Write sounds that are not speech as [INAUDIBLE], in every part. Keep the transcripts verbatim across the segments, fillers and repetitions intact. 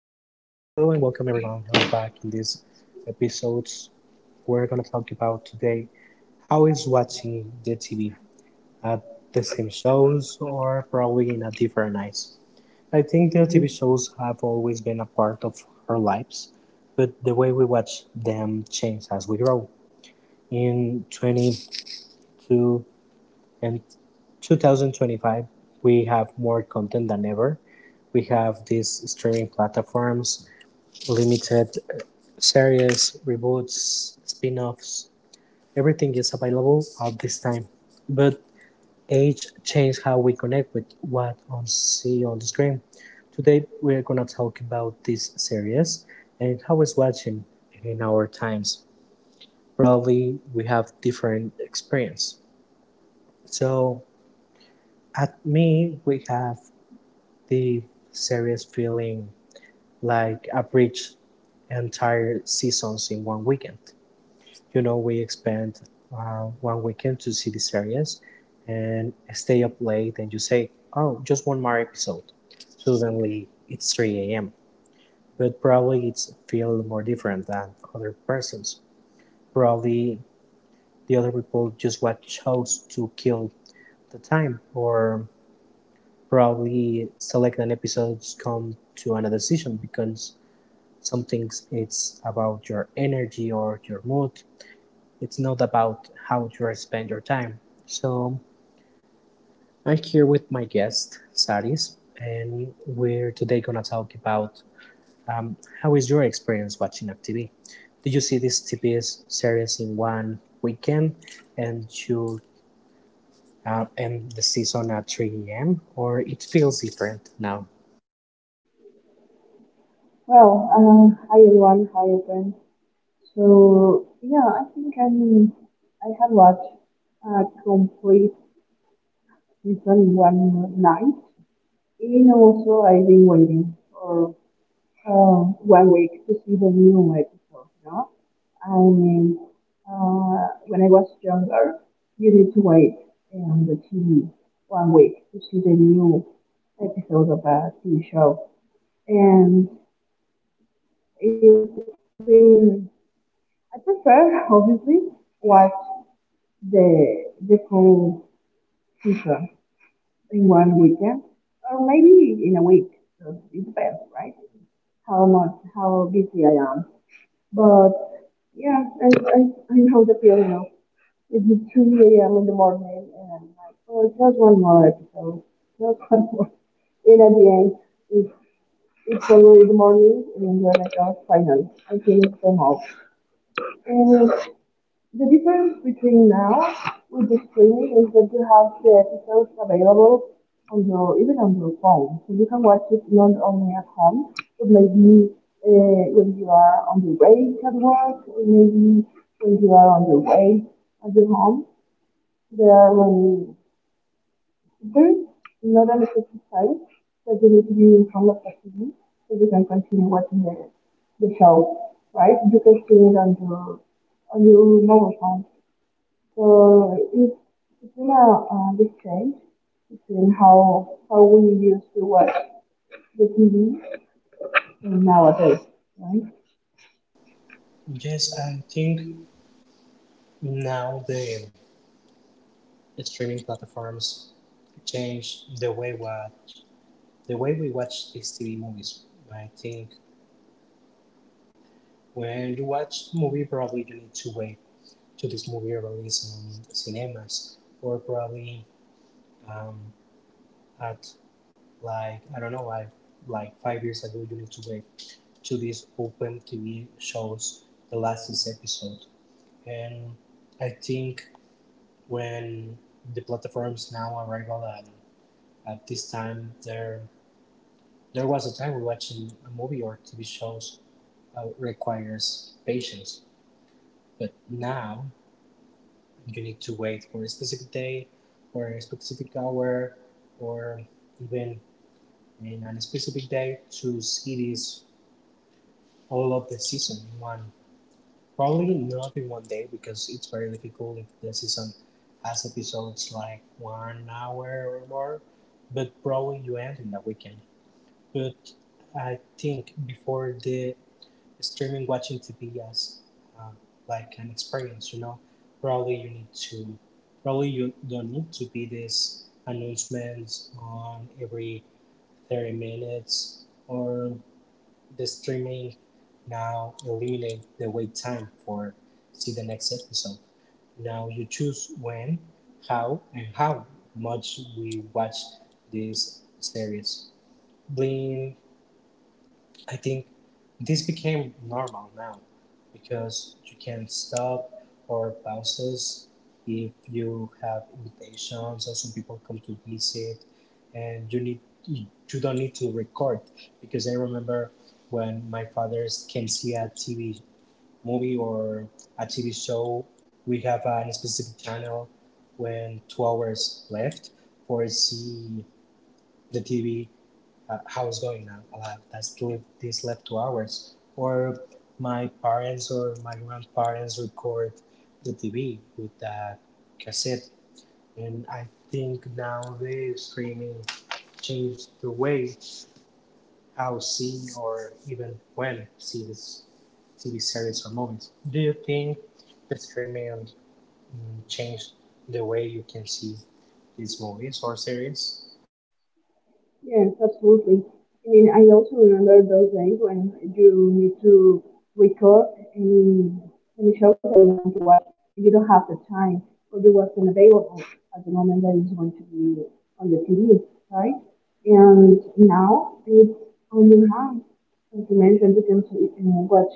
and welcome everyone. I'm back in this episodes. We're gonna talk about today how is watching the T V at the same shows or probably in a different eyes. I think the T V Well, shows have always been a part of our lives, but the way we watch them change as we grow. In twenty-two and twenty twenty-five, we have more content than ever. We have these streaming platforms, limited series, reboots, spin-offs, everything is available at this time. But age changed how we connect with what we see on the screen. Today we are gonna talk about this series and how it's watching in our times. Probably we have different experience. So at me we have the series feeling like a bridge entire seasons in one weekend, you know, we expand uh, one weekend to see these areas and stay up late, and you say, oh, just one more episode. Suddenly it's three a m. But probably it's feel more different than other persons. Probably the other people just what chose to kill the time, or probably select an episodes come to another decision, because some things it's about your energy or your mood. It's not about how you spend your time. So I'm here with my guest, Saris, and we're today gonna talk about how is your experience watching T V? Did you see this T V series in one weekend and you uh, end the season at three a m, or it feels different now? uh, hi everyone, hi everyone. So yeah, I think I'm I have watched a complete season one night, and also I've been waiting for uh, one week to see the new episode. No, I mean, uh, when I was younger, you need to wait on the T V one week to see the new episode of a T V show, and it, it's been I prefer, obviously, watch the the full season in one weekend or maybe in a week. So it depends, right? How much, how busy I am. But yeah, I I, I know the feeling of it's three a m in the morning and I'm like, oh, just one more episode, just one more. And at the end, it's it's already the morning and you're like, oh, finally, I finished them all. The difference between now with the streaming is that you have the episodes available on your even on your phone, so you can watch it not only at home, but maybe uh, when you are on your way at work, or maybe when you are on your way at your home. There are when there's not a specific time that you need to be in front of the T V, so you can continue watching the the show, right? You can stream it on your on your mobile phone. So it, it's been a, a big change between how how we used to watch the T V and nowadays, right? Yes, I think now the streaming platforms change the way watch the way we watch these T V movies. I think when you watch the movie, probably you need to wait to this movie release in cinemas, or probably um, at, like I don't know, like like five years ago, you need to wait to these open T V shows the last episode. And I think when the platforms now arrival at, at this time, there there was a time we watching a movie or T V shows uh, requires patience, but now you need to wait for a specific day or a specific hour or even in a specific day to see this all of the season in one, probably not in one day, because it's very difficult if the season has episodes like one hour or more, but probably you end in a weekend. But I think before the streaming, watching T V as uh, like an experience, you know. Probably you need to, probably you don't need to be this announcements on every thirty minutes, or the streaming now eliminate the wait time for see the next episode. Now you choose when, how, and how much we watch this series. Bling I think this became normal now, because you can stop or pauses if you have invitations or some people come to visit, and you need you don't need to record, because I remember when my fathers can see a T V movie or a T V show, we have a specific channel when two hours left for see the T V uh, how it's going now. I'll have that's two, these left two hours. Or my parents or my grandparents record the T V with a cassette. And I think now the streaming changed the way how see or even when see this T V series or movies. Do you think the streaming mm, changed the way you can see these movies or series? Yes, absolutely. I mean, I also remember those days when you need to record any any show that you want to watch, and you don't have the time, or you wasn't available at the moment that it's going to be on the T V, right? And now it's on your hand. As you mentioned, you can uh, watch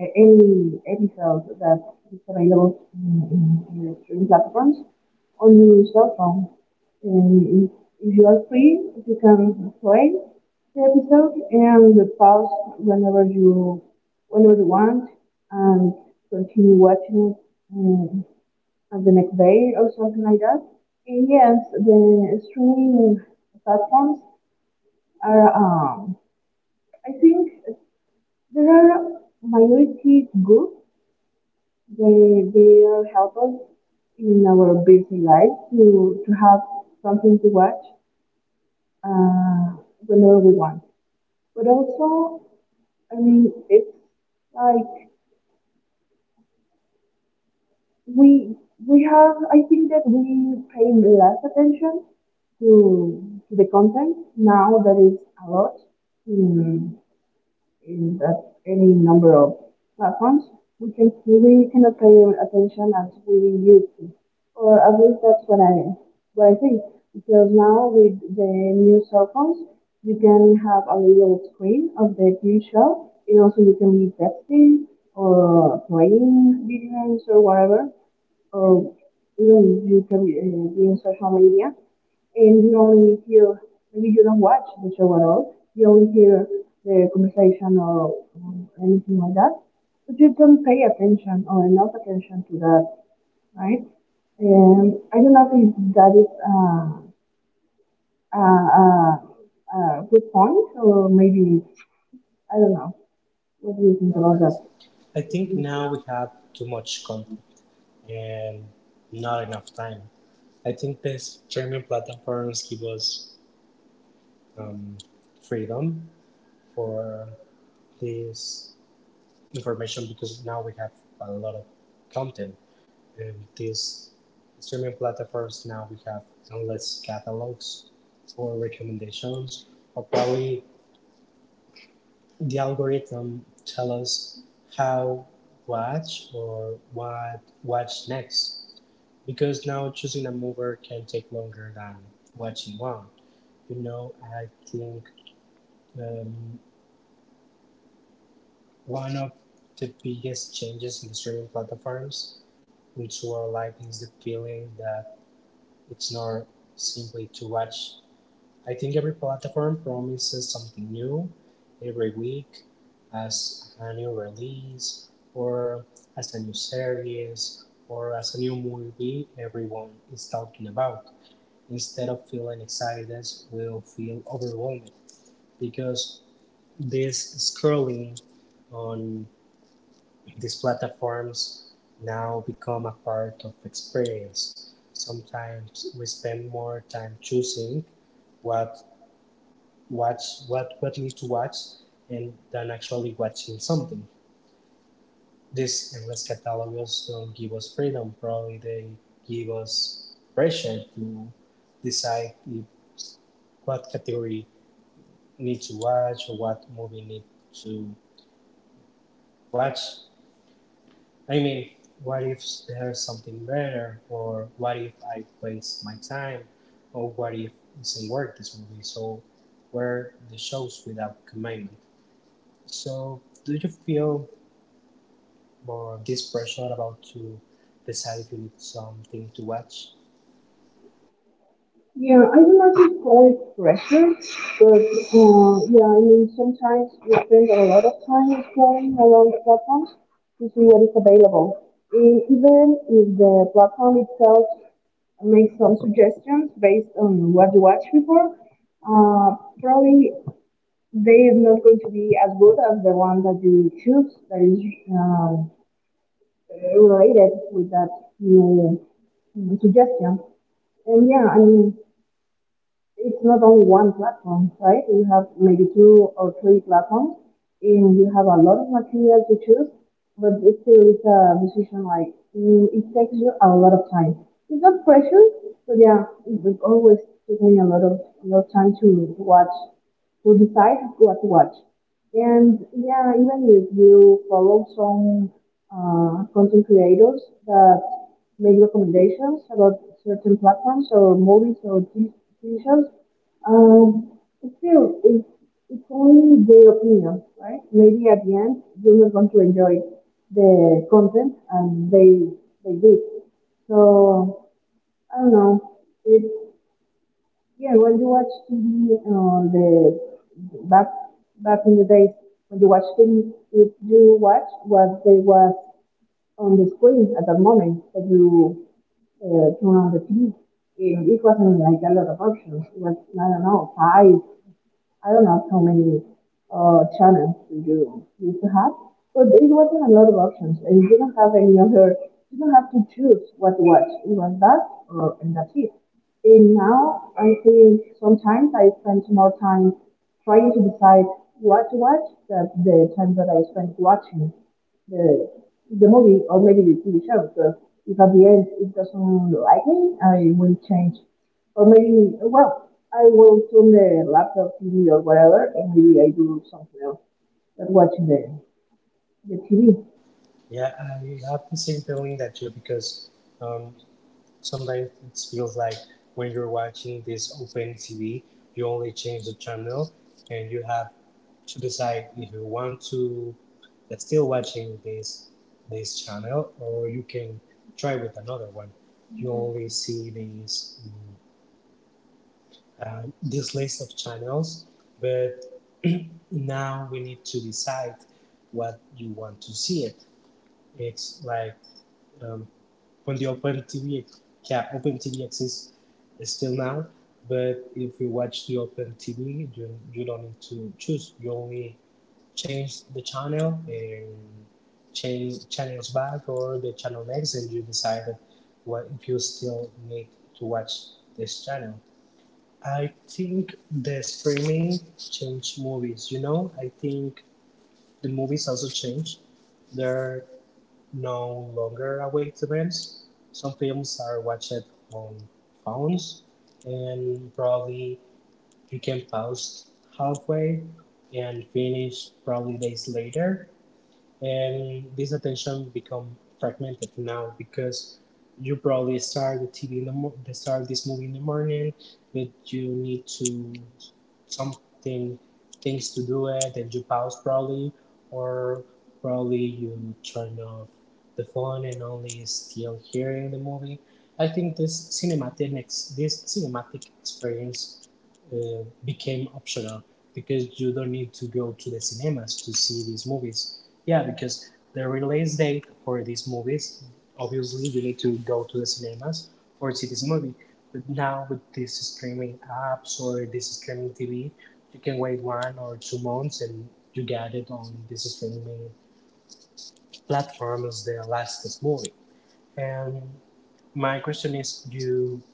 uh, any episode that is available in, in, in the streaming platforms on your cell phone. And if you are free, you can play the episode and pause whenever you whenever you want and continue watching it uh, the next day or something like that. And yes, the streaming platforms are um, I think there are majority good. They they are help us in our busy life to to have something to watch uh, whenever we want. But also, I mean, it's like we we have. I think that we pay less attention to to the content now that it's a lot in in that any number of platforms, we can we cannot pay attention as we used to, or at least that's what I what I think. Because now with the new cell phones, you can have a little screen of the T V show, and also you can be texting or playing video games or whatever, or even you can be, uh, be in social media and you only hear maybe you don't watch the show at all. You only hear the conversation or um, anything like that, but you don't pay attention or enough attention to that, right? And I don't know if that is uh, uh, uh, a good point or maybe it's, I don't know. What do you think about that? I think now we have too much content and not enough time. I think these streaming platforms give us um, freedom for this information, because now we have a lot of content, and these streaming platforms, now we have endless catalogs or recommendations, or probably the algorithm tell us how watch or what watch next. Because now choosing a mover can take longer than watching one. You know, I think um, one of the biggest changes in the streaming platforms which were life is the feeling that it's not simply to watch. I think every platform promises something new every week as a new release or as a new series or as a new movie everyone is talking about. Instead of feeling excited will feel overwhelmed, because this scrolling on these platforms now become a part of experience. Sometimes we spend more time choosing what watch what what we need to watch, and than actually watching something. These endless catalogs don't give us freedom, probably they give us pressure to decide if, what category need to watch or what movie need to watch. I mean, what if there's something better, or what if I waste my time, or what if it doesn't work this movie? So, where the shows without commitment. So, do you feel more this pressure about to decide if you need something to watch? Yeah, I don't like to call it pressure, but uh, yeah, I mean sometimes we spend a lot of time scrolling around platforms to see what is available. E- Even if the platform itself makes some suggestions based on what you watched before, uh, probably they are not going to be as good as the one that you choose that is um, related with that new mm, suggestion. And yeah, I mean, it's not only one platform, right? You have maybe two or three platforms, and you have a lot of material to choose, but it still is a decision like mm, it takes you a lot of time. It's not pressure, but yeah, it's always taking a lot of a lot of time to, to watch, to decide what to watch. And yeah, even if you follow some uh, content creators that make recommendations about certain platforms or movies or t- TV shows, um, still, it's, it's only their opinion, right? Maybe at the end, you're not going to enjoy the content and they, they did. So, I don't know. It's yeah, when you watch T V, uh, the back back in the days when you watch T V, if you watch what they was on the screen at that moment that you uh, turn on the T V, it, it wasn't like a lot of options. It was I don't know five I don't know how many uh, channels you used to have, but it wasn't a lot of options, and you didn't have any other. You don't have to choose what to watch. It was that, or and that's it. And now I think sometimes I spend more time trying to decide what to watch than the time that I spent watching the the movie or maybe the T V show. So if at the end it doesn't like me, I will change or maybe, well, I will turn the laptop T V or whatever, and maybe I do something else than watching the, the T V. Yeah, I have the same feeling that you, because um, sometimes it feels like when you're watching this open T V, you only change the channel and you have to decide if you want to that's still watching this this channel, or you can try with another one. You. Mhm. Only see these uh, this list of channels, but [CLEARS THROAT] now we need to decide what you want to see it. It's like um, on the OpenTV, yeah, OpenTV exists still now, but if you watch the OpenTV, you, you don't need to choose. You only change the channel and change channels back or the channel next, and you decide what if you still need to watch this channel. I think the streaming changed movies. You know, I think the movies also changed. There are no longer away events. Some films are watched on phones, and probably you can pause halfway and finish probably days later, and this attention become fragmented now, because you probably start the T V in the mo- the start this movie in the morning, but you need to something things to do it, and you pause probably, or probably you turn off the phone and only still hearing the movie. I think this cinematic ex- this cinematic experience uh, became optional, because you don't need to go to the cinemas to see these movies. Yeah, because the release date for these movies, obviously you need to go to the cinemas or see this movie. But now with these streaming apps or this streaming T V, you can wait one or two months, and you get it on this streaming platform as the latest movie. And my question is, you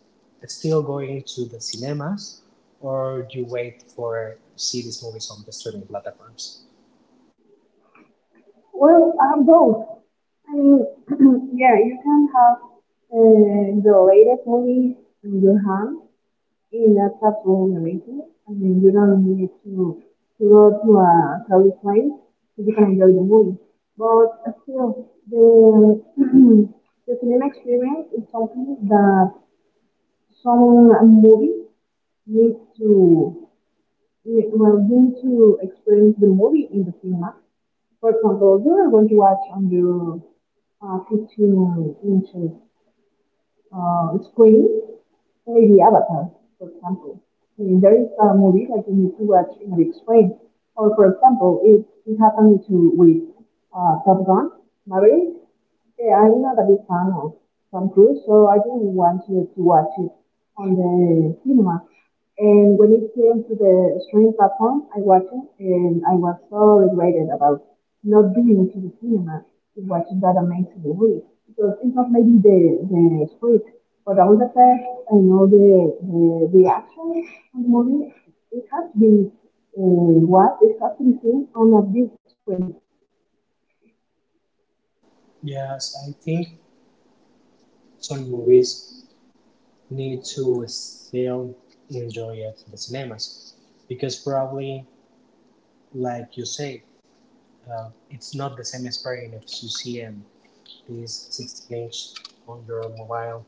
still going to the cinemas, or you wait for see these movies on the streaming platforms? Well, I have both. I mean, [CLEARS THROAT] yeah, you can have uh, the latest movie in your hand, and that's absolutely amazing. I mean, you don't need to, to go to a crowded place so you can enjoy the movie. But still, the, [CLEARS THROAT] the cinema experience is something that some movies need to well need to experience the movie in the cinema. For example, you are going to watch on your uh, fifteen inches uh, screen, maybe Avatar, for example. I mean, there is a movie that you need to watch in a big screen. Or for example, it, it happened to with uh, Top Gun Maverick. Yeah, I'm not a big fan of Tom Cruise, so I didn't want to, to watch it on the cinema. And when it came to the streaming platform, I watched it, and I was so regretted about not being to the cinema to watch that amazing movie because it's not maybe the the script, but all the facts and all the the, the action on the movie, it has been uh, what it has been seen on a big screen. Yes, I think some movies need to still enjoy it in the cinemas, because probably like you say uh, it's not the same experience you see in this sixteen inch on your mobile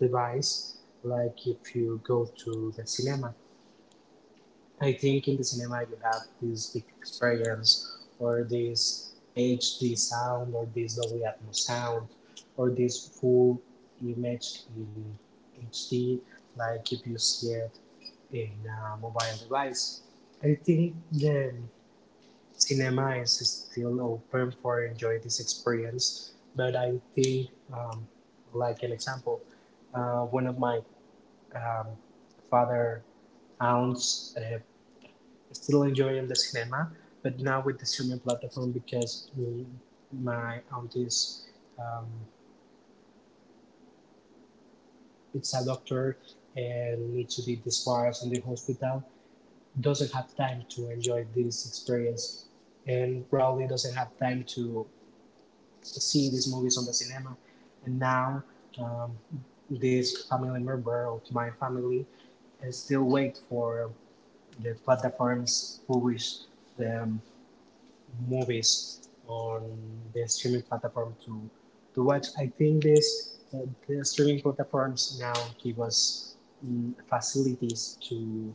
device, like if you go to the cinema. I think in the cinema you have this big experience or this H D sound or this Dolby Atmos sound or this full image in H D, like if you see it in a mobile device. I think the cinema is still open for enjoy this experience, but I think um, like an example, uh, one of my um, father aunts uh, still enjoying the cinema, but now with the streaming platform, because mm, my aunt is um, it's a doctor and needs to be discharged in the hospital, doesn't have time to enjoy this experience, and probably doesn't have time to see these movies on the cinema. And now, um, this family member of my family is still wait for the platforms publish the um, movies on the streaming platform to to watch. I think this uh, the streaming platforms now give us mm, facilities to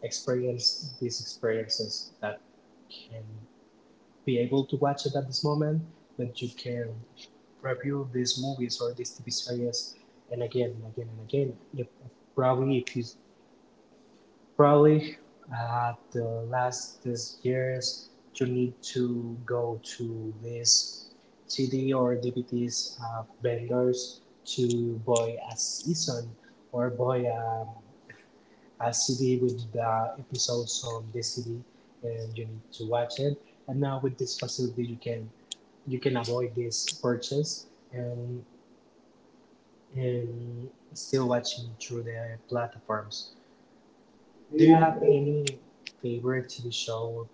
experience these experiences that can be able to watch it at this moment, but you can review these movies or these T V series and again and again and again. If, probably if you Probably at the last these years you need to go to these C D or D V Ds uh, vendors to buy a season or buy um, a C D with the episodes on the C D, and you need to watch it. And now with this facility you can you can avoid this purchase, and, and still watching through the platforms. Do you have any favorite T V show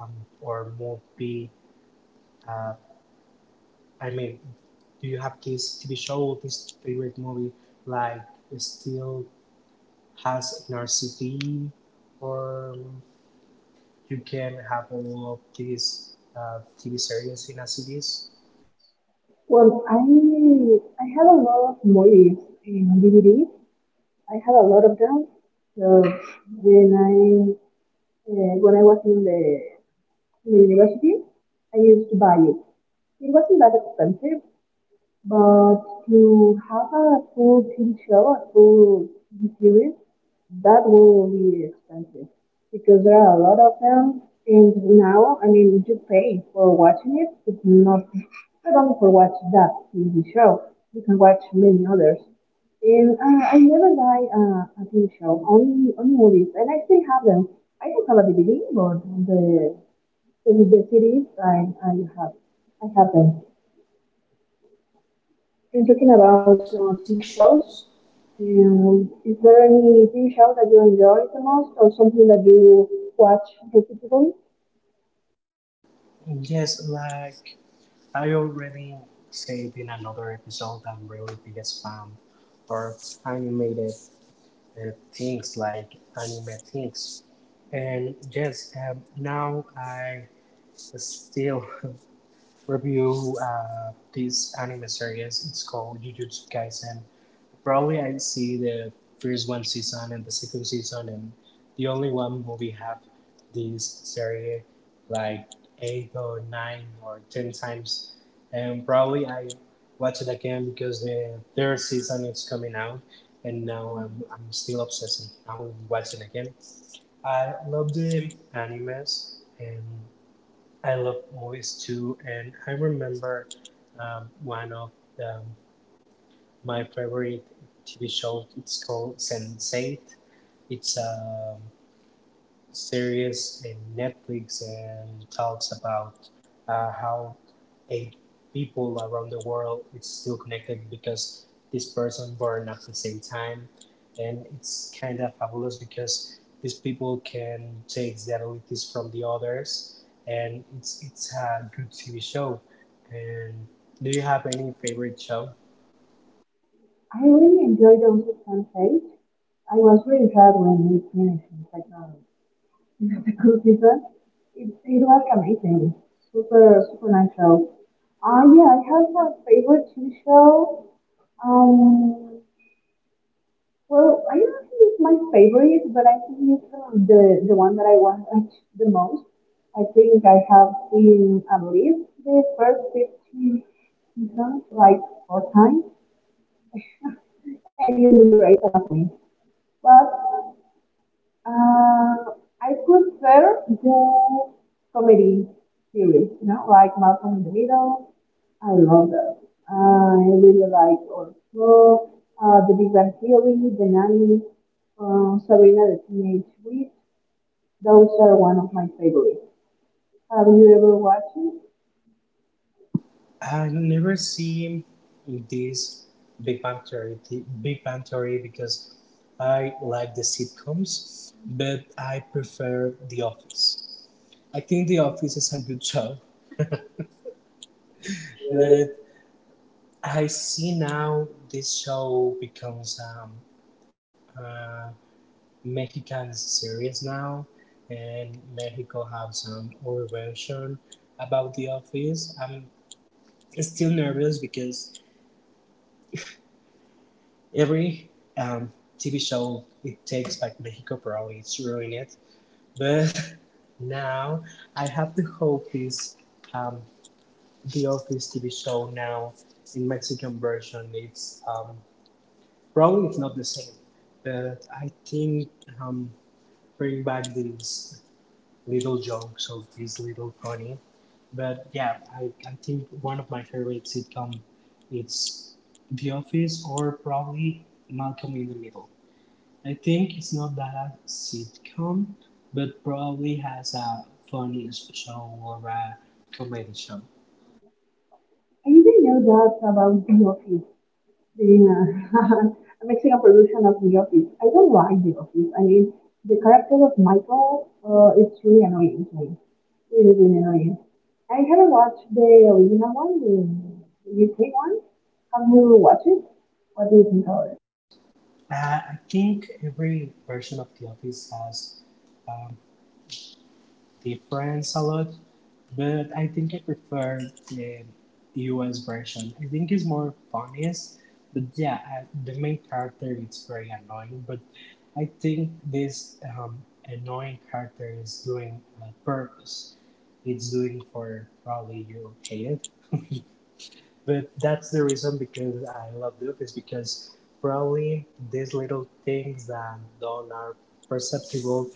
um, or movie? Uh, I mean, do you have this T V show, this favorite movie, like still has in our city, or you can have all of these uh, T V series in our cities? Well, I I have a lot of movies in D V D. I have a lot of them. So when I uh, when I was in the, in the university, I used to buy it. It wasn't that expensive, but to have a full T V show, a full T V series, that will be expensive because there are a lot of them. And now, I mean, you pay for watching it. It's not not only for watch that T V show. You can watch many others. And uh, I never buy uh, a T V show, only only movies, and I still have them. I don't have a D V D, but the the, the C Ds I I have I have them. And talking about uh, T V shows, um, is there any T V show that you enjoy the most or something that you watch repeatedly? Yes, like I already said in another episode, I'm really biggest fan for animated uh, things like anime things. And yes, um, now I still [LAUGHS] review uh, this anime series. It's called Jujutsu Kaisen. Probably I'd see the first one season and the second season and the only one movie have this series like eight or nine or ten times, and probably I watch it again, because the third season is coming out, and now I'm, I'm still obsessed, I'm watching again. I love the animes and I love movies too, and I remember um, one of the my favorite T V show. It's called sense eight. It's a series in Netflix and talks about uh, how eight people around the world is still connected because this person born at the same time, and it's kind of fabulous because these people can take the abilities from the others, and it's it's a good T V show. And do you have any favorite show? I really enjoy The Uncertain Fate. I was really sad when it finished in the second, [LAUGHS] in the second [LAUGHS] season. It, it was amazing. Super, super nice show. Uh, yeah, I have a favorite T V show. Um, Well, I don't think it's my favorite, but I think it's um, the the one that I watch the most. I think I have seen at least the first fifteen seasons like four times, [LAUGHS] and it is the Grey's Anatomy. But uh, I prefer the comedy series, you know, like Malcolm in the Middle. I love that. Uh, I really like also uh, The Big Bang Theory, The Nanny, uh, Sabrina the Teenage Witch. Those are one of my favorites. Have you ever watched it? I never see this Big Bang Theory, the Big Bang Theory, because I like the sitcoms, but I prefer The Office. I think The Office is a good show, but I see now this show becomes um, a Mexican series now, and Mexico have some other version about The Office. I'm still nervous because every um, T V show it takes back Mexico probably it's ruining it. But [LAUGHS] now I have to hope this um, the Office T V show now in Mexican version. It's um, probably it's not the same, but I think um, bring back these little jokes of these little funny. But yeah, I, I think one of my favorite sitcom it's The Office, or probably Malcolm in the Middle. I think it's not that a sitcom, but probably has a funny s- show or a comedy show. I didn't know that about The Office. Dinner. [LAUGHS] I'm mixing up production of The Office. I don't like The Office. I mean, the character of Michael, uh, it's really annoying to me. Really, really annoying. I haven't watched the original one, the U K one. Have you watched it? What do you think about it? Uh, I think every version of The Office has um, difference a lot, but I think I prefer the U S version. I think it's more funniest, but yeah, I, the main character is very annoying. But I think this um, annoying character is doing a purpose. It's doing for probably you, okay? But that's the reason because I love the office, because probably these little things that don't are perceptible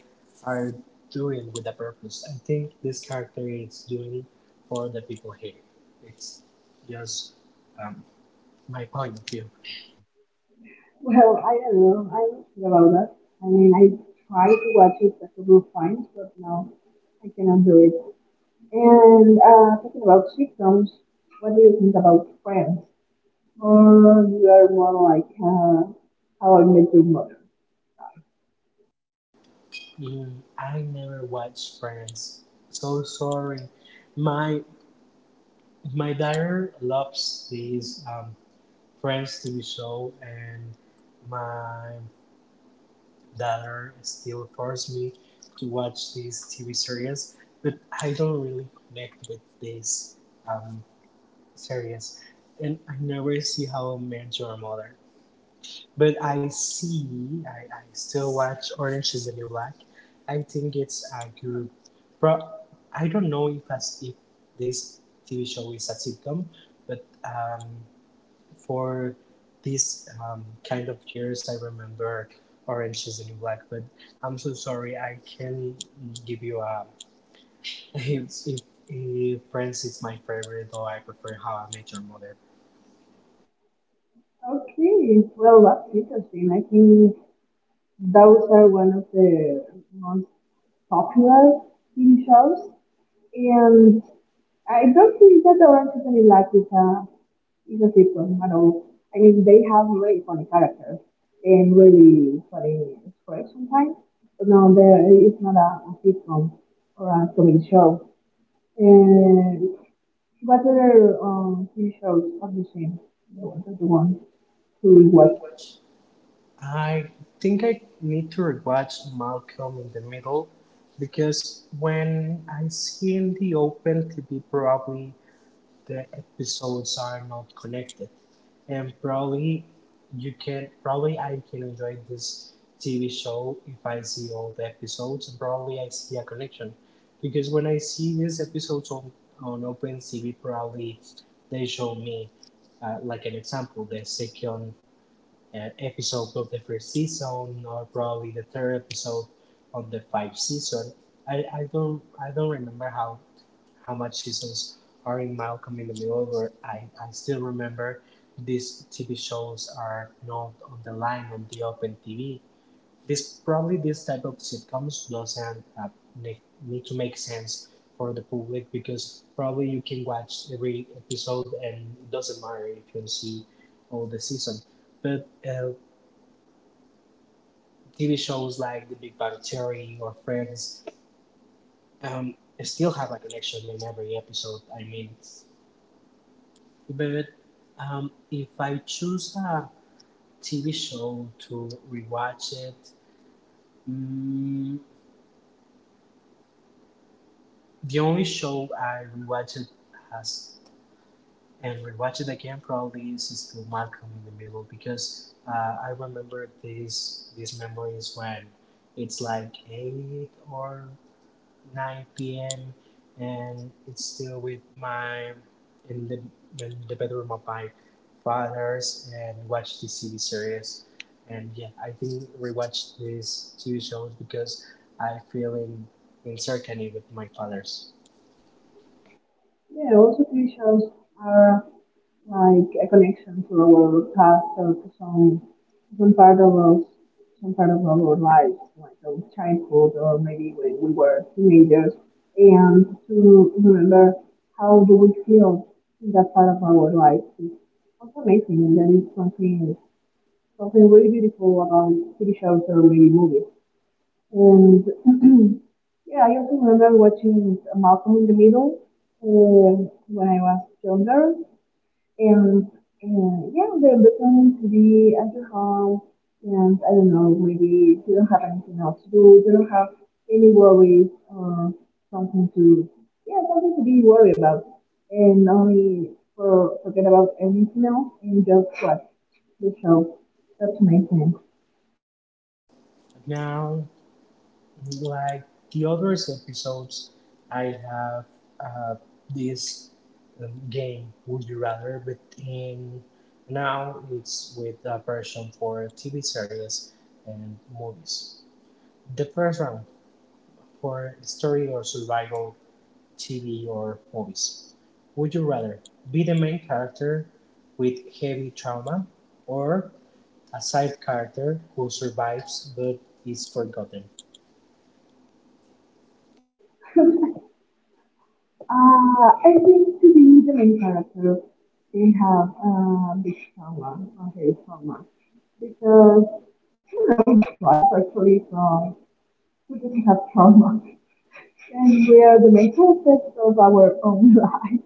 are doing with a purpose. I think this character is doing it for the people here. It's just um, my point of view. Well, I don't know. I'm not sure about that. I mean, I tried to watch it a couple of times, but now I cannot do it. And uh, talking about sitcoms, what do you think about Friends? Or you are more like uh, how I met your mother. Mm, I never watched Friends. So sorry. My my daughter loves this um, Friends T V show, and my daughter still forced me to watch these T V series, but I don't really connect with these um, series, and I never see How I Met Your Mother. But I see, I, I still watch Orange is the New Black. I think it's a good. Pro- I don't know if as if this T V show is a sitcom, but um, for these um, kind of years, I remember Orange is the New Black, but I'm so sorry I can give you a [LAUGHS] if, if, if Friends is my favorite. Though I prefer How I Met Your Mother, Okay, well that's interesting. I think those are one of the most popular T V shows, and I don't think that Orange is the New Black is a is a sitcom at all. I mean, they have really funny characters and really funny scripts sometimes. But no, there it's not a, a sitcom or a comedy show. And Whether um T V shows, are the obviously, that's the one to watch. I think I need to rewatch Malcolm in the Middle, because when I see in the open TV probably the episodes are not connected. And probably you can probably I can enjoy this T V show if I see all the episodes and probably I see a connection. Because when I see these episodes on, on OpenTV probably they show me uh, like an example, the second uh, episode of the first season, or probably the third episode on the five season. I, I don't I don't remember how how much seasons are in Malcolm in the Middle, where I, I still remember these T V shows are not on the line on the open T V. This probably this type of sitcoms doesn't uh, ne- need to make sense for the public, because probably you can watch every episode and it doesn't matter if you see all the season. But uh, T V shows like The Big Bang Theory or Friends um, still have a connection in every episode. I mean, but um, if I choose a T V show to rewatch it, mm, the only show I rewatched has and rewatched it again probably is still Malcolm in the Middle, because uh, I remember these these memories when it's like eight or nine p m and it's still with my in the in the bedroom of my father's and watch the T V series. And yeah, I think rewatch these T V shows because I feel in in certainty with my father's. Yeah, also T V shows are like a connection to our past or to some some part of us, some part of our lives, like our childhood or maybe when we were teenagers, and to remember how do we feel in that part of our life. It's also amazing, and that is something something really beautiful about T V shows or maybe movies. And [CLEARS THROAT] yeah, I also remember watching Malcolm in the Middle uh, when I was younger. And uh, yeah, the listening to be at your home, and I don't know, maybe you don't have anything else to do, you don't have any worries or something to, yeah, something to be worried about, and only for forget about anything else and just watch the show. That's my thing. Now, like the other episodes, I have uh, this um, game, Would You Rather, but in now it's with a version for T V series and movies. The first round for story or survival T V or movies. Would you rather be the main character with heavy trauma or a side character who survives but is forgotten? [LAUGHS] Uh, I think to be the main character, they have a big trauma, a heavy trauma. Because, you know, that's life actually from we didn't have trauma. And we are the main characters of our own [LAUGHS] life.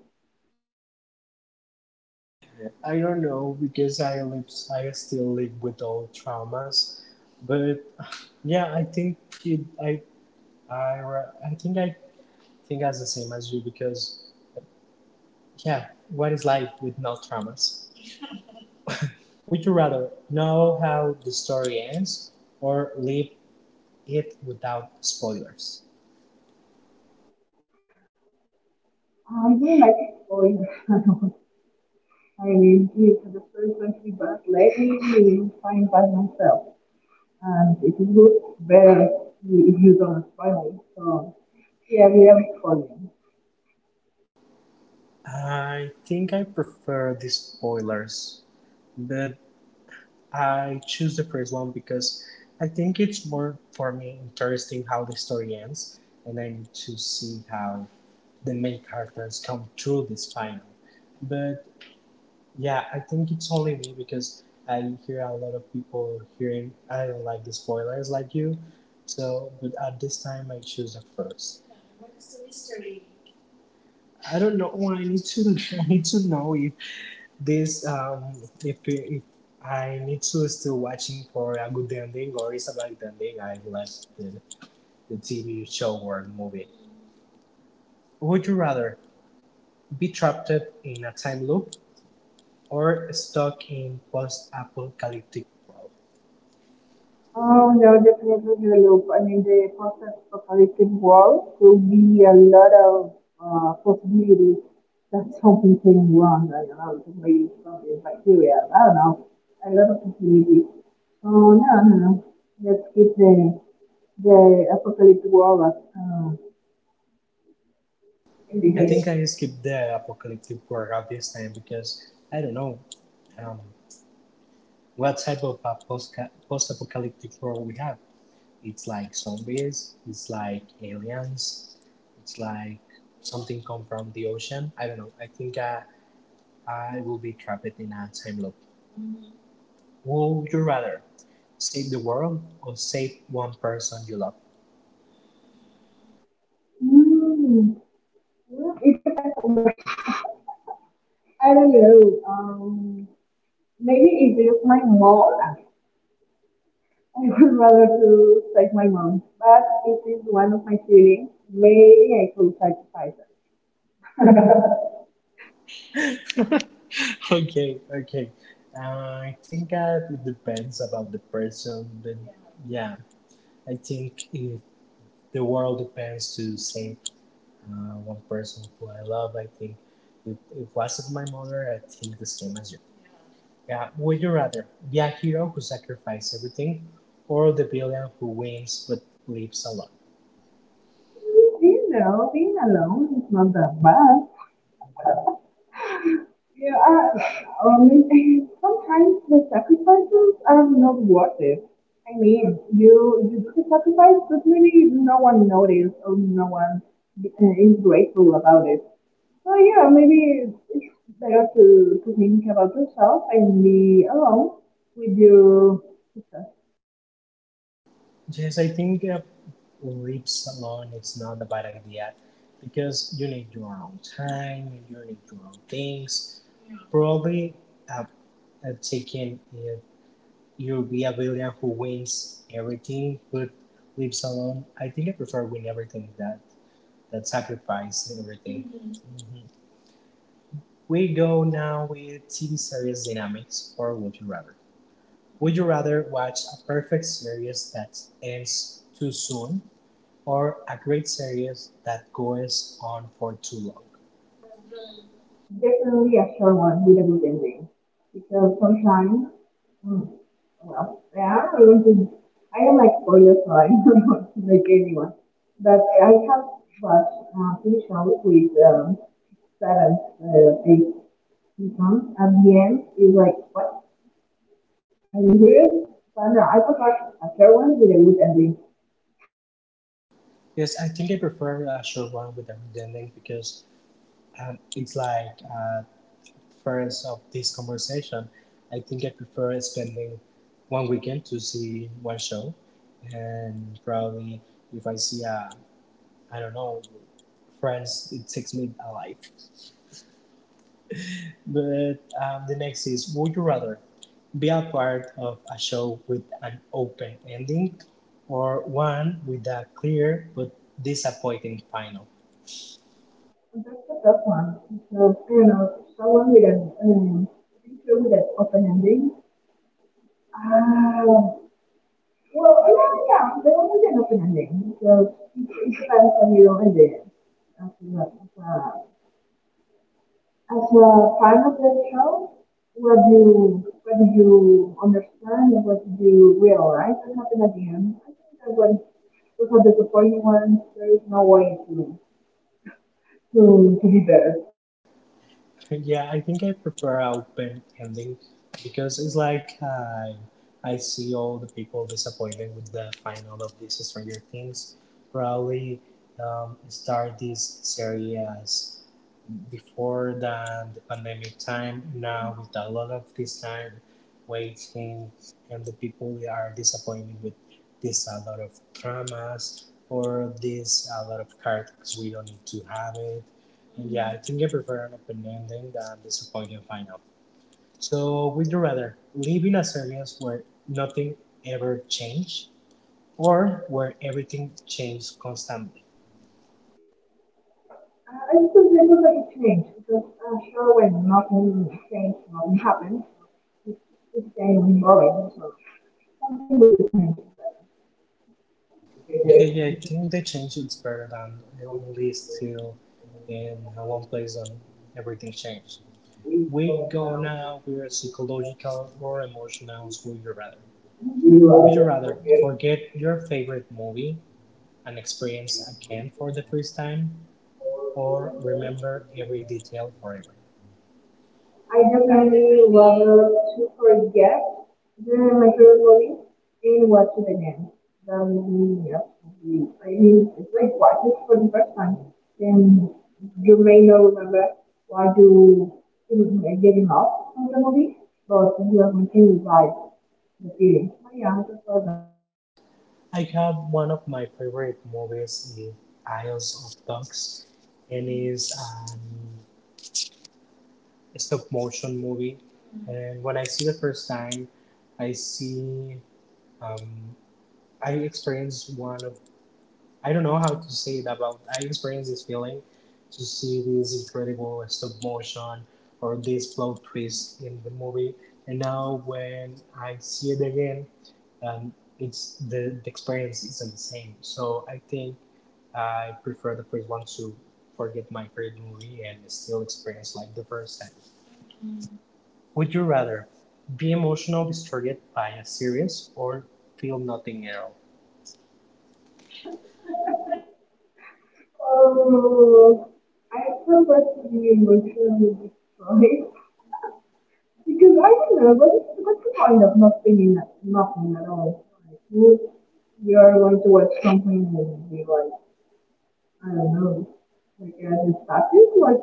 I don't know because I live, I still live with old traumas, but yeah, I think it, I, I, ra- I think I think as the same as you, because yeah, what is life with no traumas? Would you rather know how the story ends or live it without spoilers? I don't like exploring [LAUGHS] at all. I mean, if the story is going to be bad, let me find by myself. And if it's good, better if you don't find it. So, yeah, we are exploring. I think I prefer the spoilers, but I choose the first one because I think it's more for me interesting how the story ends, and I need to see how the main characters come through this final. But yeah, I think it's only me because I hear a lot of people hearing I don't like the spoilers like you. So, but at this time I choose the first. What is the mystery? I don't know. Oh, I need to. [LAUGHS] I need to know if this, um, if, if I need to still watching for a good ending or is a bad ending, I left the, the T V show or movie. Would you rather be trapped in a time loop or stuck in post-apocalyptic world? Oh, yeah, definitely the I mean, the post-apocalyptic world could be a lot of uh, possibilities. That's how we can run. I don't know, it may be something bacteria. I don't know. A lot of possibilities. So no, no, no. Let's keep the the apocalyptic world as uh, it I think is. I skipped the apocalyptic world at this time because I don't know um, what type of a post- post-apocalyptic world we have. It's like zombies. It's like aliens. It's like something come from the ocean. I don't know. I think uh, I will be trapped in a time loop. Would you rather save the world or save one person you love? Mm. Well, it depends on the. [LAUGHS] I don't know. Um, Maybe it's just my mom. [LAUGHS] I would rather to take my mom, but it is one of my feelings. Maybe I could sacrifice it. [LAUGHS] [LAUGHS] Okay, okay. Uh, I think that it depends about the person, but yeah, I think if the world depends to save uh, one person who I love, I think if, if it wasn't my mother, I think the same as you. Yeah, would you rather be a hero who sacrifices everything, or the villain who wins but lives alone? You know, being alone is not that bad. Yeah, uh, only [LAUGHS] sometimes the sacrifices are not worth it. I mean, you you do the sacrifice, but really no one noticed or no one uh, is grateful about it. So yeah, maybe it's it's better to, to think about yourself and be alone with your success. Yes, I think uh, lives alone it's not a bad idea, because you need your own time, you need your own things. Probably, uh, uh, taking uh, you be a villain who wins everything but lives alone. I think I prefer win everything that that sacrifice everything. We go now with T V series dynamics or would you rather? Would you rather watch a perfect series that ends too soon or a great series that goes on for too long? Definitely a short one with a good ending. Because sometimes, mm, well, yeah, I want to, I don't like spoilers, so I don't [LAUGHS] want to make anyone. But I have watched uh, few shows with um, seven, uh, eight seasons. At the end, it's like, what? Are you serious? But no, I prefer a short one with a good ending. Yes, I think I prefer a short one with a good ending because um, it's like uh, first of this conversation. I think I prefer spending one weekend to see one show, and probably if I see a I don't know Friends, it takes me alive. But um, the next is Would you rather be a part of a show with an open ending or one with a clear but disappointing final? Well, that's a tough one because you know someone with an um, teacher with an open ending. Uh, well, yeah, yeah, the one with an open ending because it, it depends on your ending. As a, as a, as a fan of the show, what do you what do you understand and what do you realize that happened at the end? I think that when with a disappointing ones, there is no way to to, to be better. [LAUGHS] Yeah, I think I prefer an open ending because it's like I, I see all the people disappointed with the final of this Stranger Things. Probably um, start this series as before the, the pandemic time now with a lot of this time waiting and the people are disappointed with this a lot of dramas or this a lot of cards we don't need to have it. And yeah, I think I prefer an open ending than disappointing final. So would you rather live in a series where nothing ever changed or where everything changed constantly? Uh, I still remember that it changed because uh, sure when nothing changed, nothing happened. It it became boring. So something will just change. Okay, yeah, I think they changed its paradigm. It only is still in uh, one place and everything changed. We go now, we're psychological or emotional, would you rather? Would you rather forget your favorite movie and experience again for the first time or remember every detail forever? I I definitely definitely. rather to forget the, my favorite movie and watch it again. That would be absolutely. I mean, it's like watch it for the first time. Then you may not remember why you didn't get enough from the movie, but you are continuing like the feeling. Oh yeah, I prefer I have one of my favorite movies is Isles of Dogs and it's um, stop motion movie. And when I see the first time, I see, um, I experienced one of, I don't know how to say it about, I experienced this feeling to see this incredible stop motion or this plot twist in the movie. And now when I see it again, um, it's the, the experience isn't the same. So I think I prefer the first one to forget my favorite movie and still experience like the first time. Would you rather be emotionally destroyed by a series or feel nothing at all? Oh, I prefer to be emotionally destroyed [LAUGHS] because I don't know what is what's the point of not thinking that nothing at all. Like, you you are going to watch something and you'll be like, I don't know, like as a status, like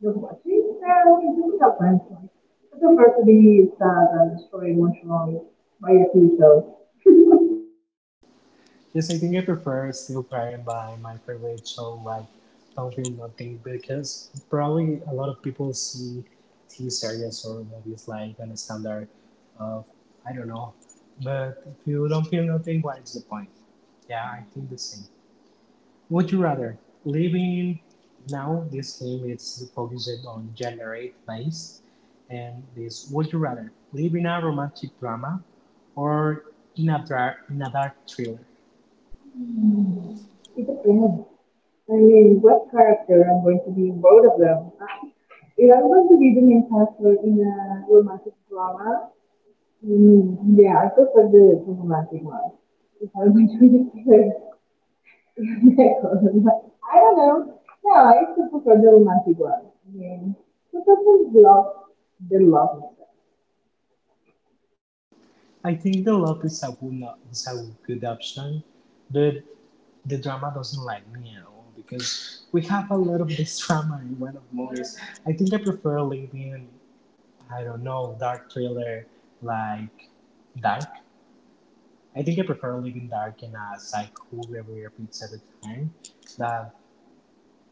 just watching. No, it doesn't have sense. Like, I prefer to be sad and destroyed emotionally by a few shows. [LAUGHS] Yes, I think I prefer still crying by my favorite show, like Don't Feel Nothing, because probably a lot of people see T V series or movies like on a standard of, I don't know. But if you don't feel nothing, what is the point? Yeah, I think the same. Would you rather live in now this game is focused on gender based and this would you rather live in a romantic drama or in a dark in a dark thriller? It depends. I mean, what character I'm going to be in both of them. Yeah, I'm going to be the main character in a romantic drama. Mm, yeah, I prefer the, the romantic one. If I'm going to be the character, [LAUGHS] I don't know. Yeah, I still prefer the romantic one. I mean, because of love, the love itself. I think the love is a good no- is a good option, but the drama doesn't like me at all because we have a lot of this [LAUGHS] drama in one of the movies. I think I prefer living, I don't know, dark thriller, like dark. I think I prefer living dark in a cycle where we repeats every time than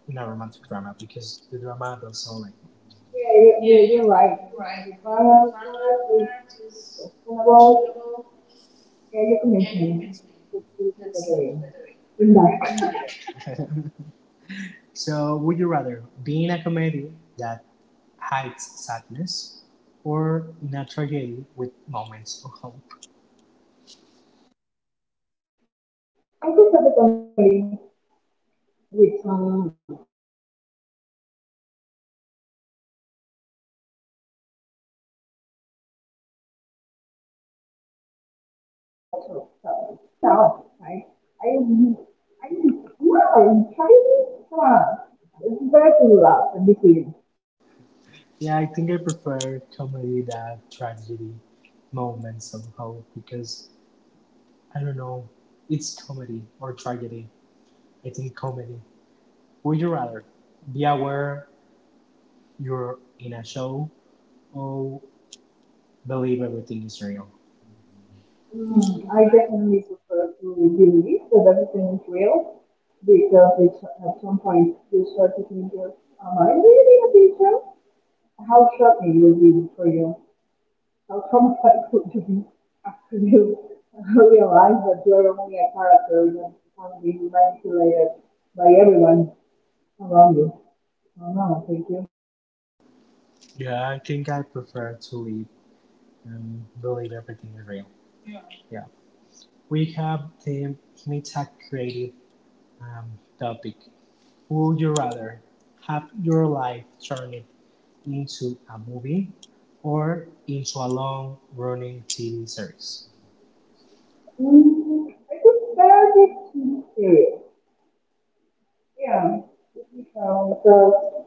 in a romantic drama because the drama doesn't like it. Yeah, you, Yeah, you, you're, you're you're, you're right. right. The I mean, drama the drama is part is questionable. questionable. Yeah, your Yeah, you commitment convinced me. is is to Let's the sleep very end. together In in. No. [LAUGHS] [LAUGHS] so would you rather be in a comedy that hides sadness or in a tragedy with moments of hope? I prefer the comedy with some, with some, photos. Because I, tragedy, I am working on my life. That's enough, right? I, I, no, tragedy, come on. It's better to laugh and be serious. Yeah, I think I prefer comedy that tragedy moments of hope because I don't know, it's comedy or tragedy. I think comedy. Would you rather be aware you're in a show or believe everything is real? Mm, Hmm, I I think, definitely prefer to believe that everything is real because it's, at some point you start to think, well, am I really a teacher? How shocking will be for you? How traumatizing to be after you [LAUGHS] realize that you are only a character that can be manipulated by everyone around you. Oh no, thank you. yeah, I think I prefer to live and believe everything is real. Yeah. Yeah. We have the meta creative um, topic. Would you rather have your life turned into a movie or into a long running T V series? Mm, I could barely keep it. Yeah. So, so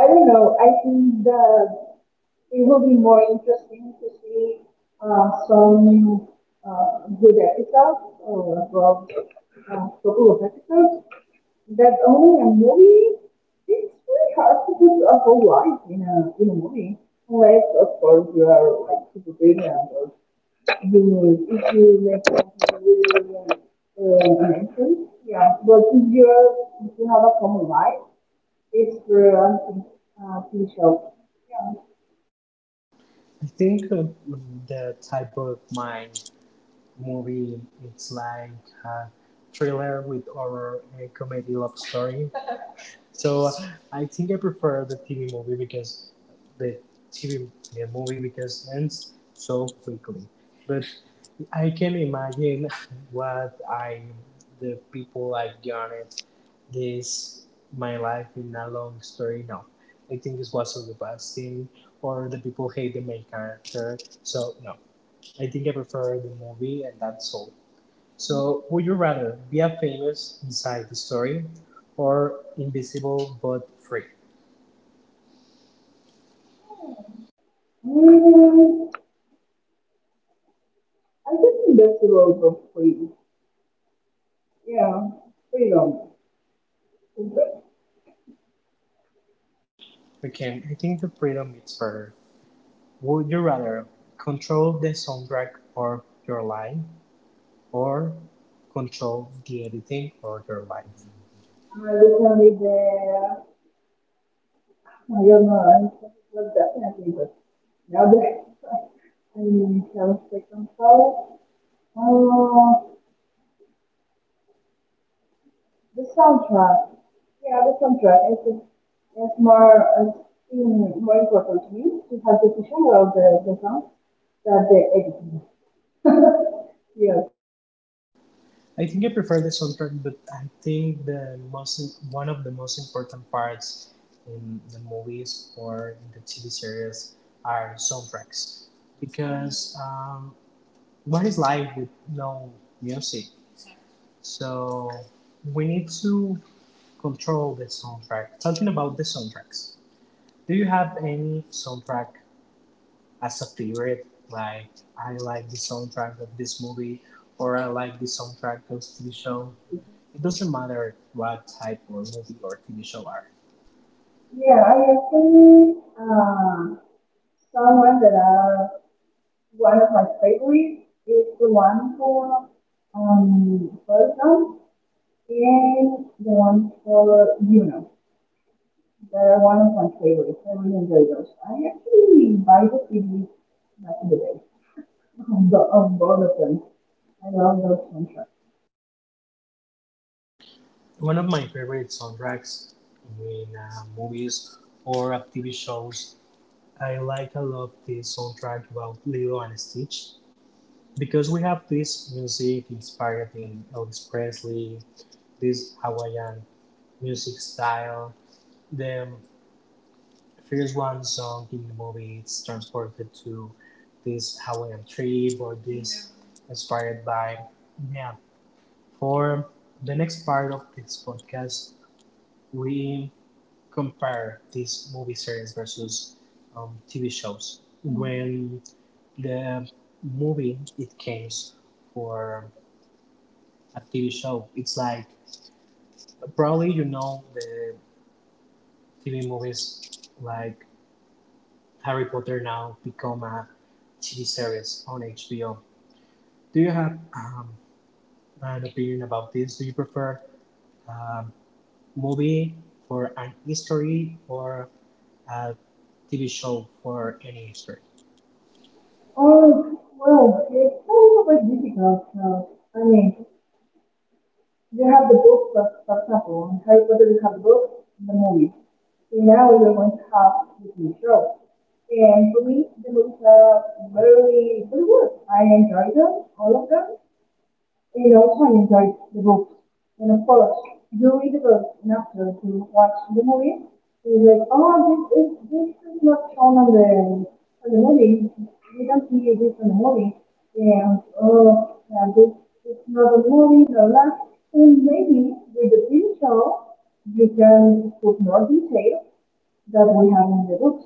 I don't know. I think that it will be more interesting to see uh, some uh, good episodes or well, a couple of episodes. That only a movie, it's really hard to do a whole life in a, in a movie. Unless, of course, you are like super brilliant or you, if you make something really, really uh, amazing. Yeah, but if you're, if you have a common life, it's for uh, T V show. Yeah. I think uh, the type of my movie, it's like a thriller with horror and comedy love story. So uh, I think I prefer the T V movie because the T V the movie because ends so quickly. But I can imagine [LAUGHS] what I, the people I garnered this my life in a long story. No, I think it was the best thing, or the people hate the main character. So no, I think I prefer the movie, and that's all. So would you rather be a famous beside the story, or invisible but free? Mm, I think that's the role of freedom. Yeah, freedom. Is that- Okay, I think the freedom is better. Would you rather control the soundtrack of your life or control the editing or your life? I was only there. I don't know. I was definitely, but now that [LAUGHS] I'm in South Second uh, the soundtrack. Yeah, the soundtrack. I think it's more, it's even more important to me to have the picture of the, the song that they editing. [LAUGHS] yeah. I think I prefer the soundtrack, but I think the most, one of the most important parts in the movies or in the T V series are soundtracks because um, what is life with no music? So we need to control the soundtrack. Talking about the soundtracks, do you have any soundtrack as a favorite, like I like the soundtrack of this movie, or I like the soundtrack of T V show. It doesn't matter what type or movie or T V show are. Yeah, I actually, uh, someone that are one of my favorites is the one for um Bertram and the one for Juno. They are one of my favorites. I really enjoy those. I actually buy the C Ds back in the day of, the, of both of them. I love those soundtracks. One of my favorite soundtracks in uh, movies or of T V shows, I like a lot the soundtrack about Lilo and Stitch because we have this music inspired in Elvis Presley, this Hawaiian music style. The There's one song in the movie, it's transported to this Hawaiian trip or this inspired by. Yeah. For the next part of this podcast, we compare this movie series versus um, T V shows. When the movie it came for a T V show, it's like probably you know the T V movies like Harry Potter now become a T V series on H B O. Do you have um, an opinion about this? Do you prefer a movie for an history or a T V show for any history? Oh well, it's kind of a bit difficult. Uh, I mean, you have the book, for, for example, in Harry Potter, you have the book, the movie. And now you're going to have the T V show. And for me, the movies are very, very good. I enjoy them, all of them. You know, I enjoyed the book. And of course, you read the book, and after you watch the movie, so you're like, oh, this is, this is not shown on the, on the movie. You don't see this on the movie. And, oh, yeah, this is not a movie, blah, blah. And maybe with the T V show, you can put more details that we have in the books,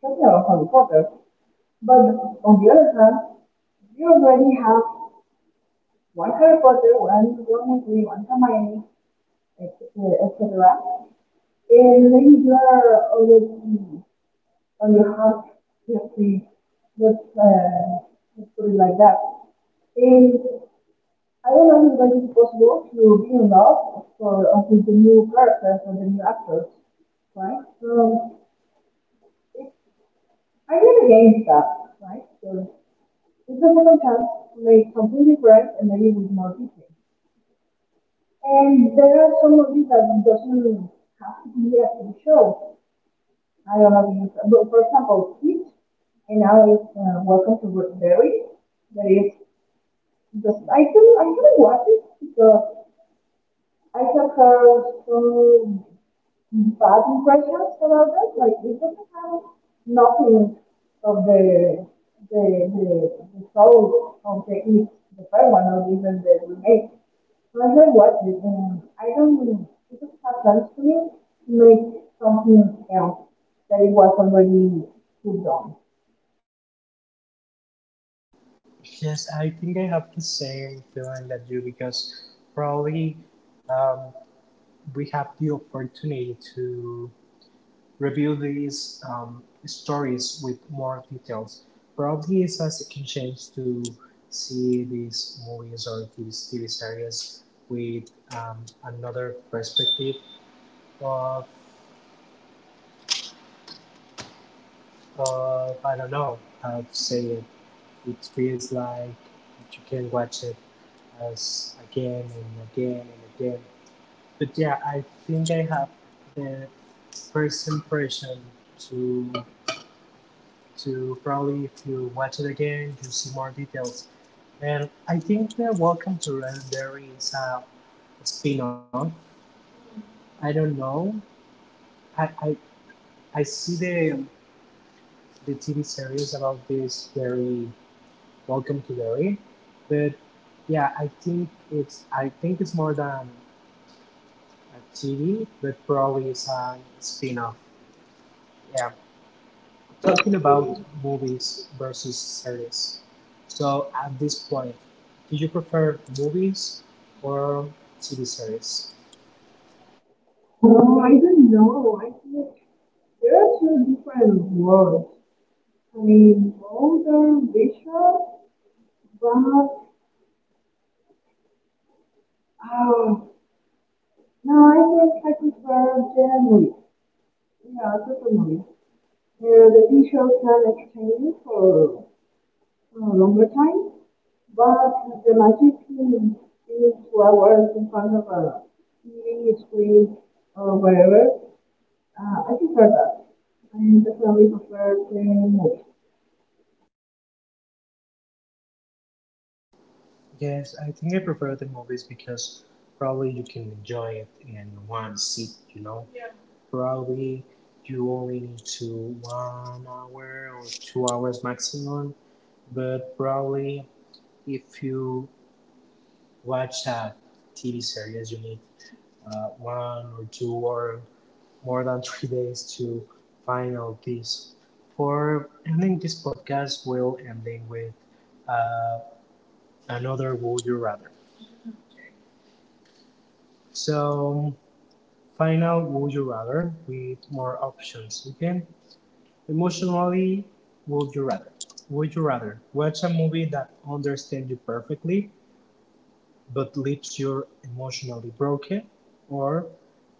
such as Harry Potter. But on the other hand, you already have one Harry Potter, one One Weasley, one Hermione, et cetera, et cetera. And maybe you are already on your heart history. Let's uh, let's put it like that. And I don't know if it is possible to be in love for uh, with the new characters or the new actors, right? So it, I'm not against that, right? So it's a second chance to make something different and maybe with more people. And there are some movies that doesn't have to be a T V show. I don't know, if- but for example, Heat, and now it's uh, Welcome to Berry. That is, just I couldn't, I couldn't watch it because I took her through bad impressions about that. Like it doesn't have nothing of the the the, the soul of the it, the first one, or even the remake. So I said, what? Is- um, I don't. It doesn't have sense to me to make something else that it was already put on. Yes, I think I have the same feeling that you because probably um, we have the opportunity to review these um, stories with more details. Probably it's a second chance to see these movies or T V, series with um, another perspective of, of, I don't know how to say it. It feels like you can watch it as again and again and again. But yeah, I think I have the first impression to to probably if you watch it again you'll see more details. And I think that Welcome to Legendary is a spin-off, I don't know, i i, I see the the TV series about this very Welcome to Derry. But yeah, I think it's, I think it's more than a TV, but probably it's a spin-off. Yeah, talking about movies versus series. So at this point, do you prefer movies or T V series? No, I don't know. I think there are two different worlds. I mean, both are visual Well, um, no, I think I prefer the movie. Yeah, I prefer movie. Uh, the T V show can entertain you for a longer time, but the magic in being two hours in front of a T V screen or whatever, uh, I prefer that. I definitely prefer the movie. Yes, I think I prefer the movies because probably you can enjoy it in one seat, you know? Yeah. Probably you only need to one hour or two hours maximum, but probably if you watch a T V series, you need uh, one or two or more than three days to find out this. For ending this podcast, we'll ending with uh, another would you rather. So, find out would you rather with more options. Okay, emotionally, would you rather. Would you rather watch a movie that understands you perfectly but leaves you emotionally broken, or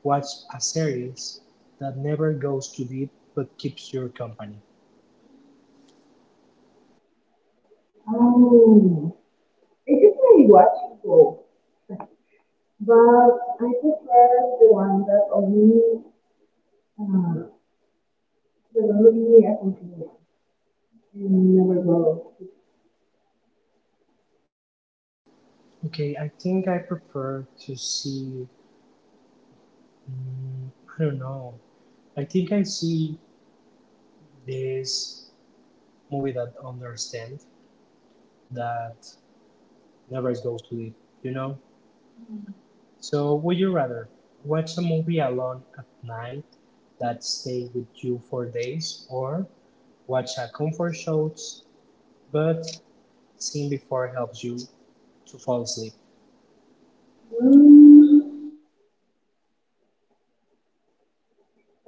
watch a series that never goes too deep but keeps your company? Oh, I usually watch both, but I prefer the one that only Ah, Pero no diría con que never go. Okay, I think I prefer to see. Mm, I don't know. I think I see this movie that understand that never goes to sleep, you know. So would you rather watch a movie alone at night that stay with you for days, or watch a comfort shows but seen before helps you to fall asleep? Um,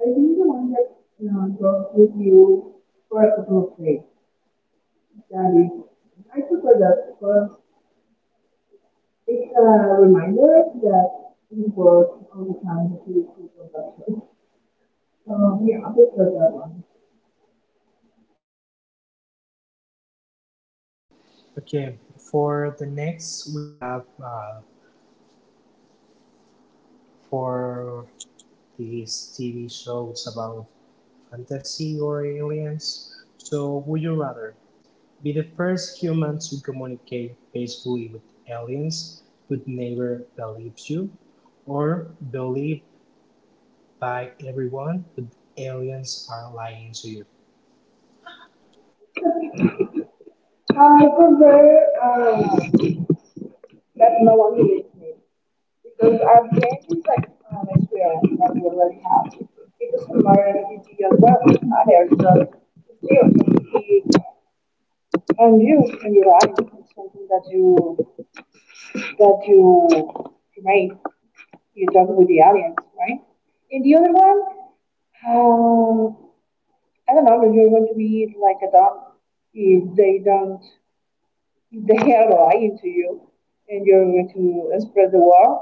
I think the one that you know, talks with you for a couple of days. That is, I prefer that because it's a reminder that we work all the time to do production. So yeah, I prefer that one. Okay. For the next, we have uh, for these T V shows about fantasy or aliens. So, would you rather be the first human to communicate peacefully with aliens but never believes you, or believed by everyone but aliens are lying to you? I prefer uh, that no one believes me. Because I've gained this like, um, experience that we already have. It is similar in E G as well. I heard that skills and you in your life is something that you that you create. You talk with the aliens, right? In the other one, um, I don't know if you're going to be like a dog if they don't. They are lying to you and you're going to spread the word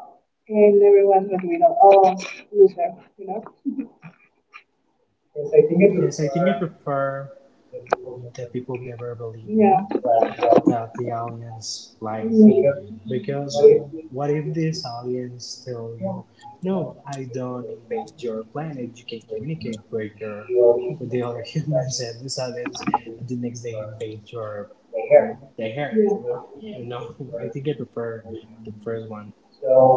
and everyone's going to be like, oh, loser, you know? Yes, I think I prefer the people never believed Yeah. me. Yeah. That the aliens like me. Mm. Mm-hmm. Because Yeah, what if these aliens tell you, no, I don't invade your planet, you can communicate with your with the other [LAUGHS] humans, and these aliens the next day invade your the earth. Yeah. You know. [LAUGHS] I think I prefer the first one.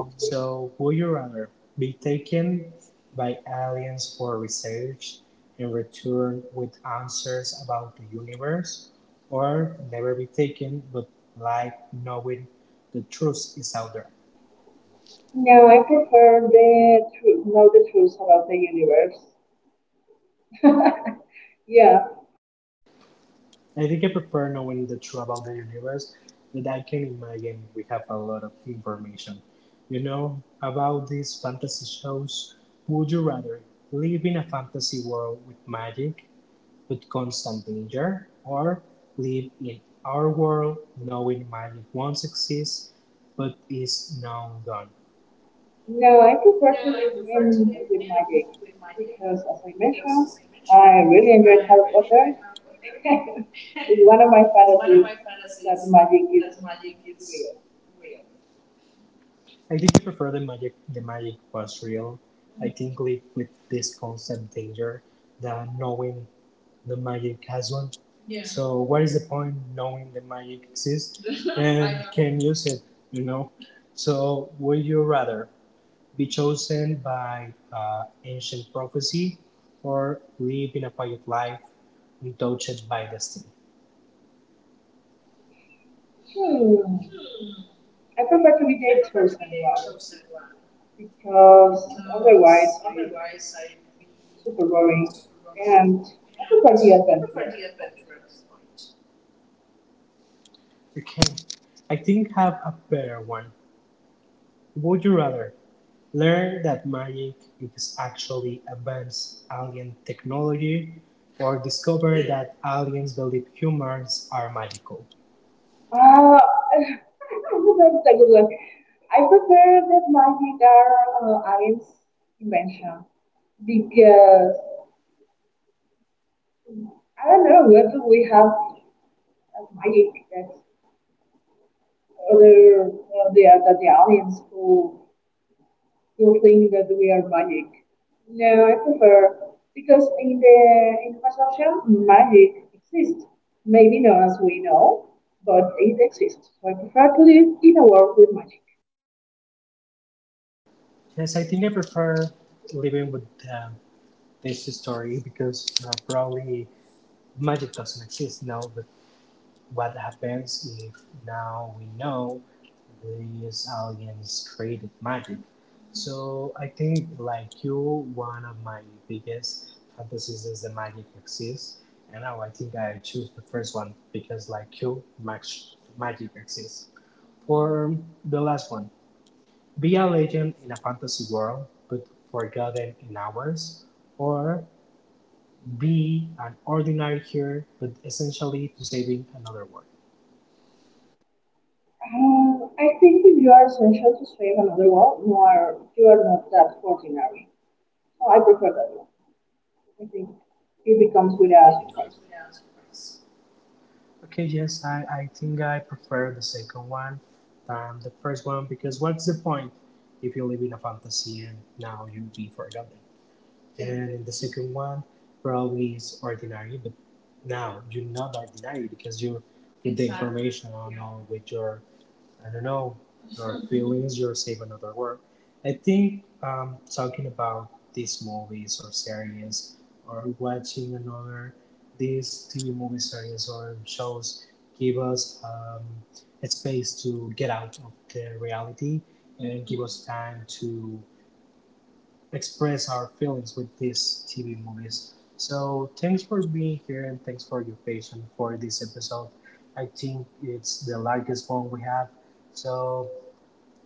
So, would you rather be taken by aliens for research and return with answers about the universe, or never be taken but like knowing the truth is out there? Yeah, I prefer the truth, know the truth about the universe. Yeah, I think I prefer knowing the truth about the universe, but I can imagine we have a lot of information. You know, about these fantasy shows, would you rather live in a fantasy world with magic with constant danger, or live in our world knowing magic once exists but is now gone. no, I No, prefer to I live prefer in to live with my in date with magic because, as I because, mentioned, as I mentioned, I really I enjoyed Harry really enjoy Harry Potter. Potter. [LAUGHS] [LAUGHS] It's one of my It's one of my fantasies fantasies that magic that is magic is real. real. I did prefer the magic, the magic was real. Mm-hmm. I think live with this constant danger than knowing the magic has one. Yeah. So what is the point knowing the magic exists and [LAUGHS] can use it? You know. So would you rather be chosen by uh, ancient prophecy or live in a quiet life untouched by destiny? Hmm, Hmm. I prefer to be I the prefer to be chosen the one chosen one because because otherwise I feel otherwise I would be super boring, super boring, and I and prefer the I prefer adventure. the adventure at this point. Okay, I think have a better one. Would you rather learn that magic is actually advanced alien technology or discover that aliens believe humans are magical? Uh, [LAUGHS] that's a good one. I prefer that my guitar uh, is invention because I don't know whether we have a magic that other uh, the that the audience who who think that we are magic. No, I prefer because in the in the perception magic exists. Maybe not as we know, but it exists. So I prefer to live in a world with magic. Yes, I think I prefer living with uh, this story because uh, probably magic doesn't exist now, but what happens if now we know these aliens created magic. So I think, like you, one of my biggest fantasies is the magic exists, and now I think I choose the first one because like you, mag- magic exists. For the last one, be a legend in a fantasy world but forgotten in ours, or be an ordinary hero but essentially to saving another world Uh, I think if you are essential to save another world, you are you are not that ordinary. So I prefer that one. I think it becomes with it a becomes surprise. without surprise. Okay, yes, I, I think I prefer the second one than the first one because what's the point if you live in a fantasy and now you be forgotten? And in the second one, probably is ordinary, but now you're not ordinary because you with the, exactly, information on, yeah, all with your, I don't know, your [LAUGHS] feelings, your save another word. I think um, talking about these movies or series or watching another these T V movie series or shows give us um, a space to get out of the reality and give us time to express our feelings with these T V movies. So thanks for being here and thanks for your patience for this episode. I think it's the largest one we have. So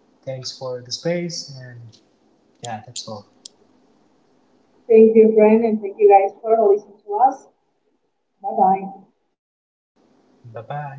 thanks for the space, and yeah, that's all. Thank you, friend, and thank you guys for listening to us. Bye bye. Bye bye.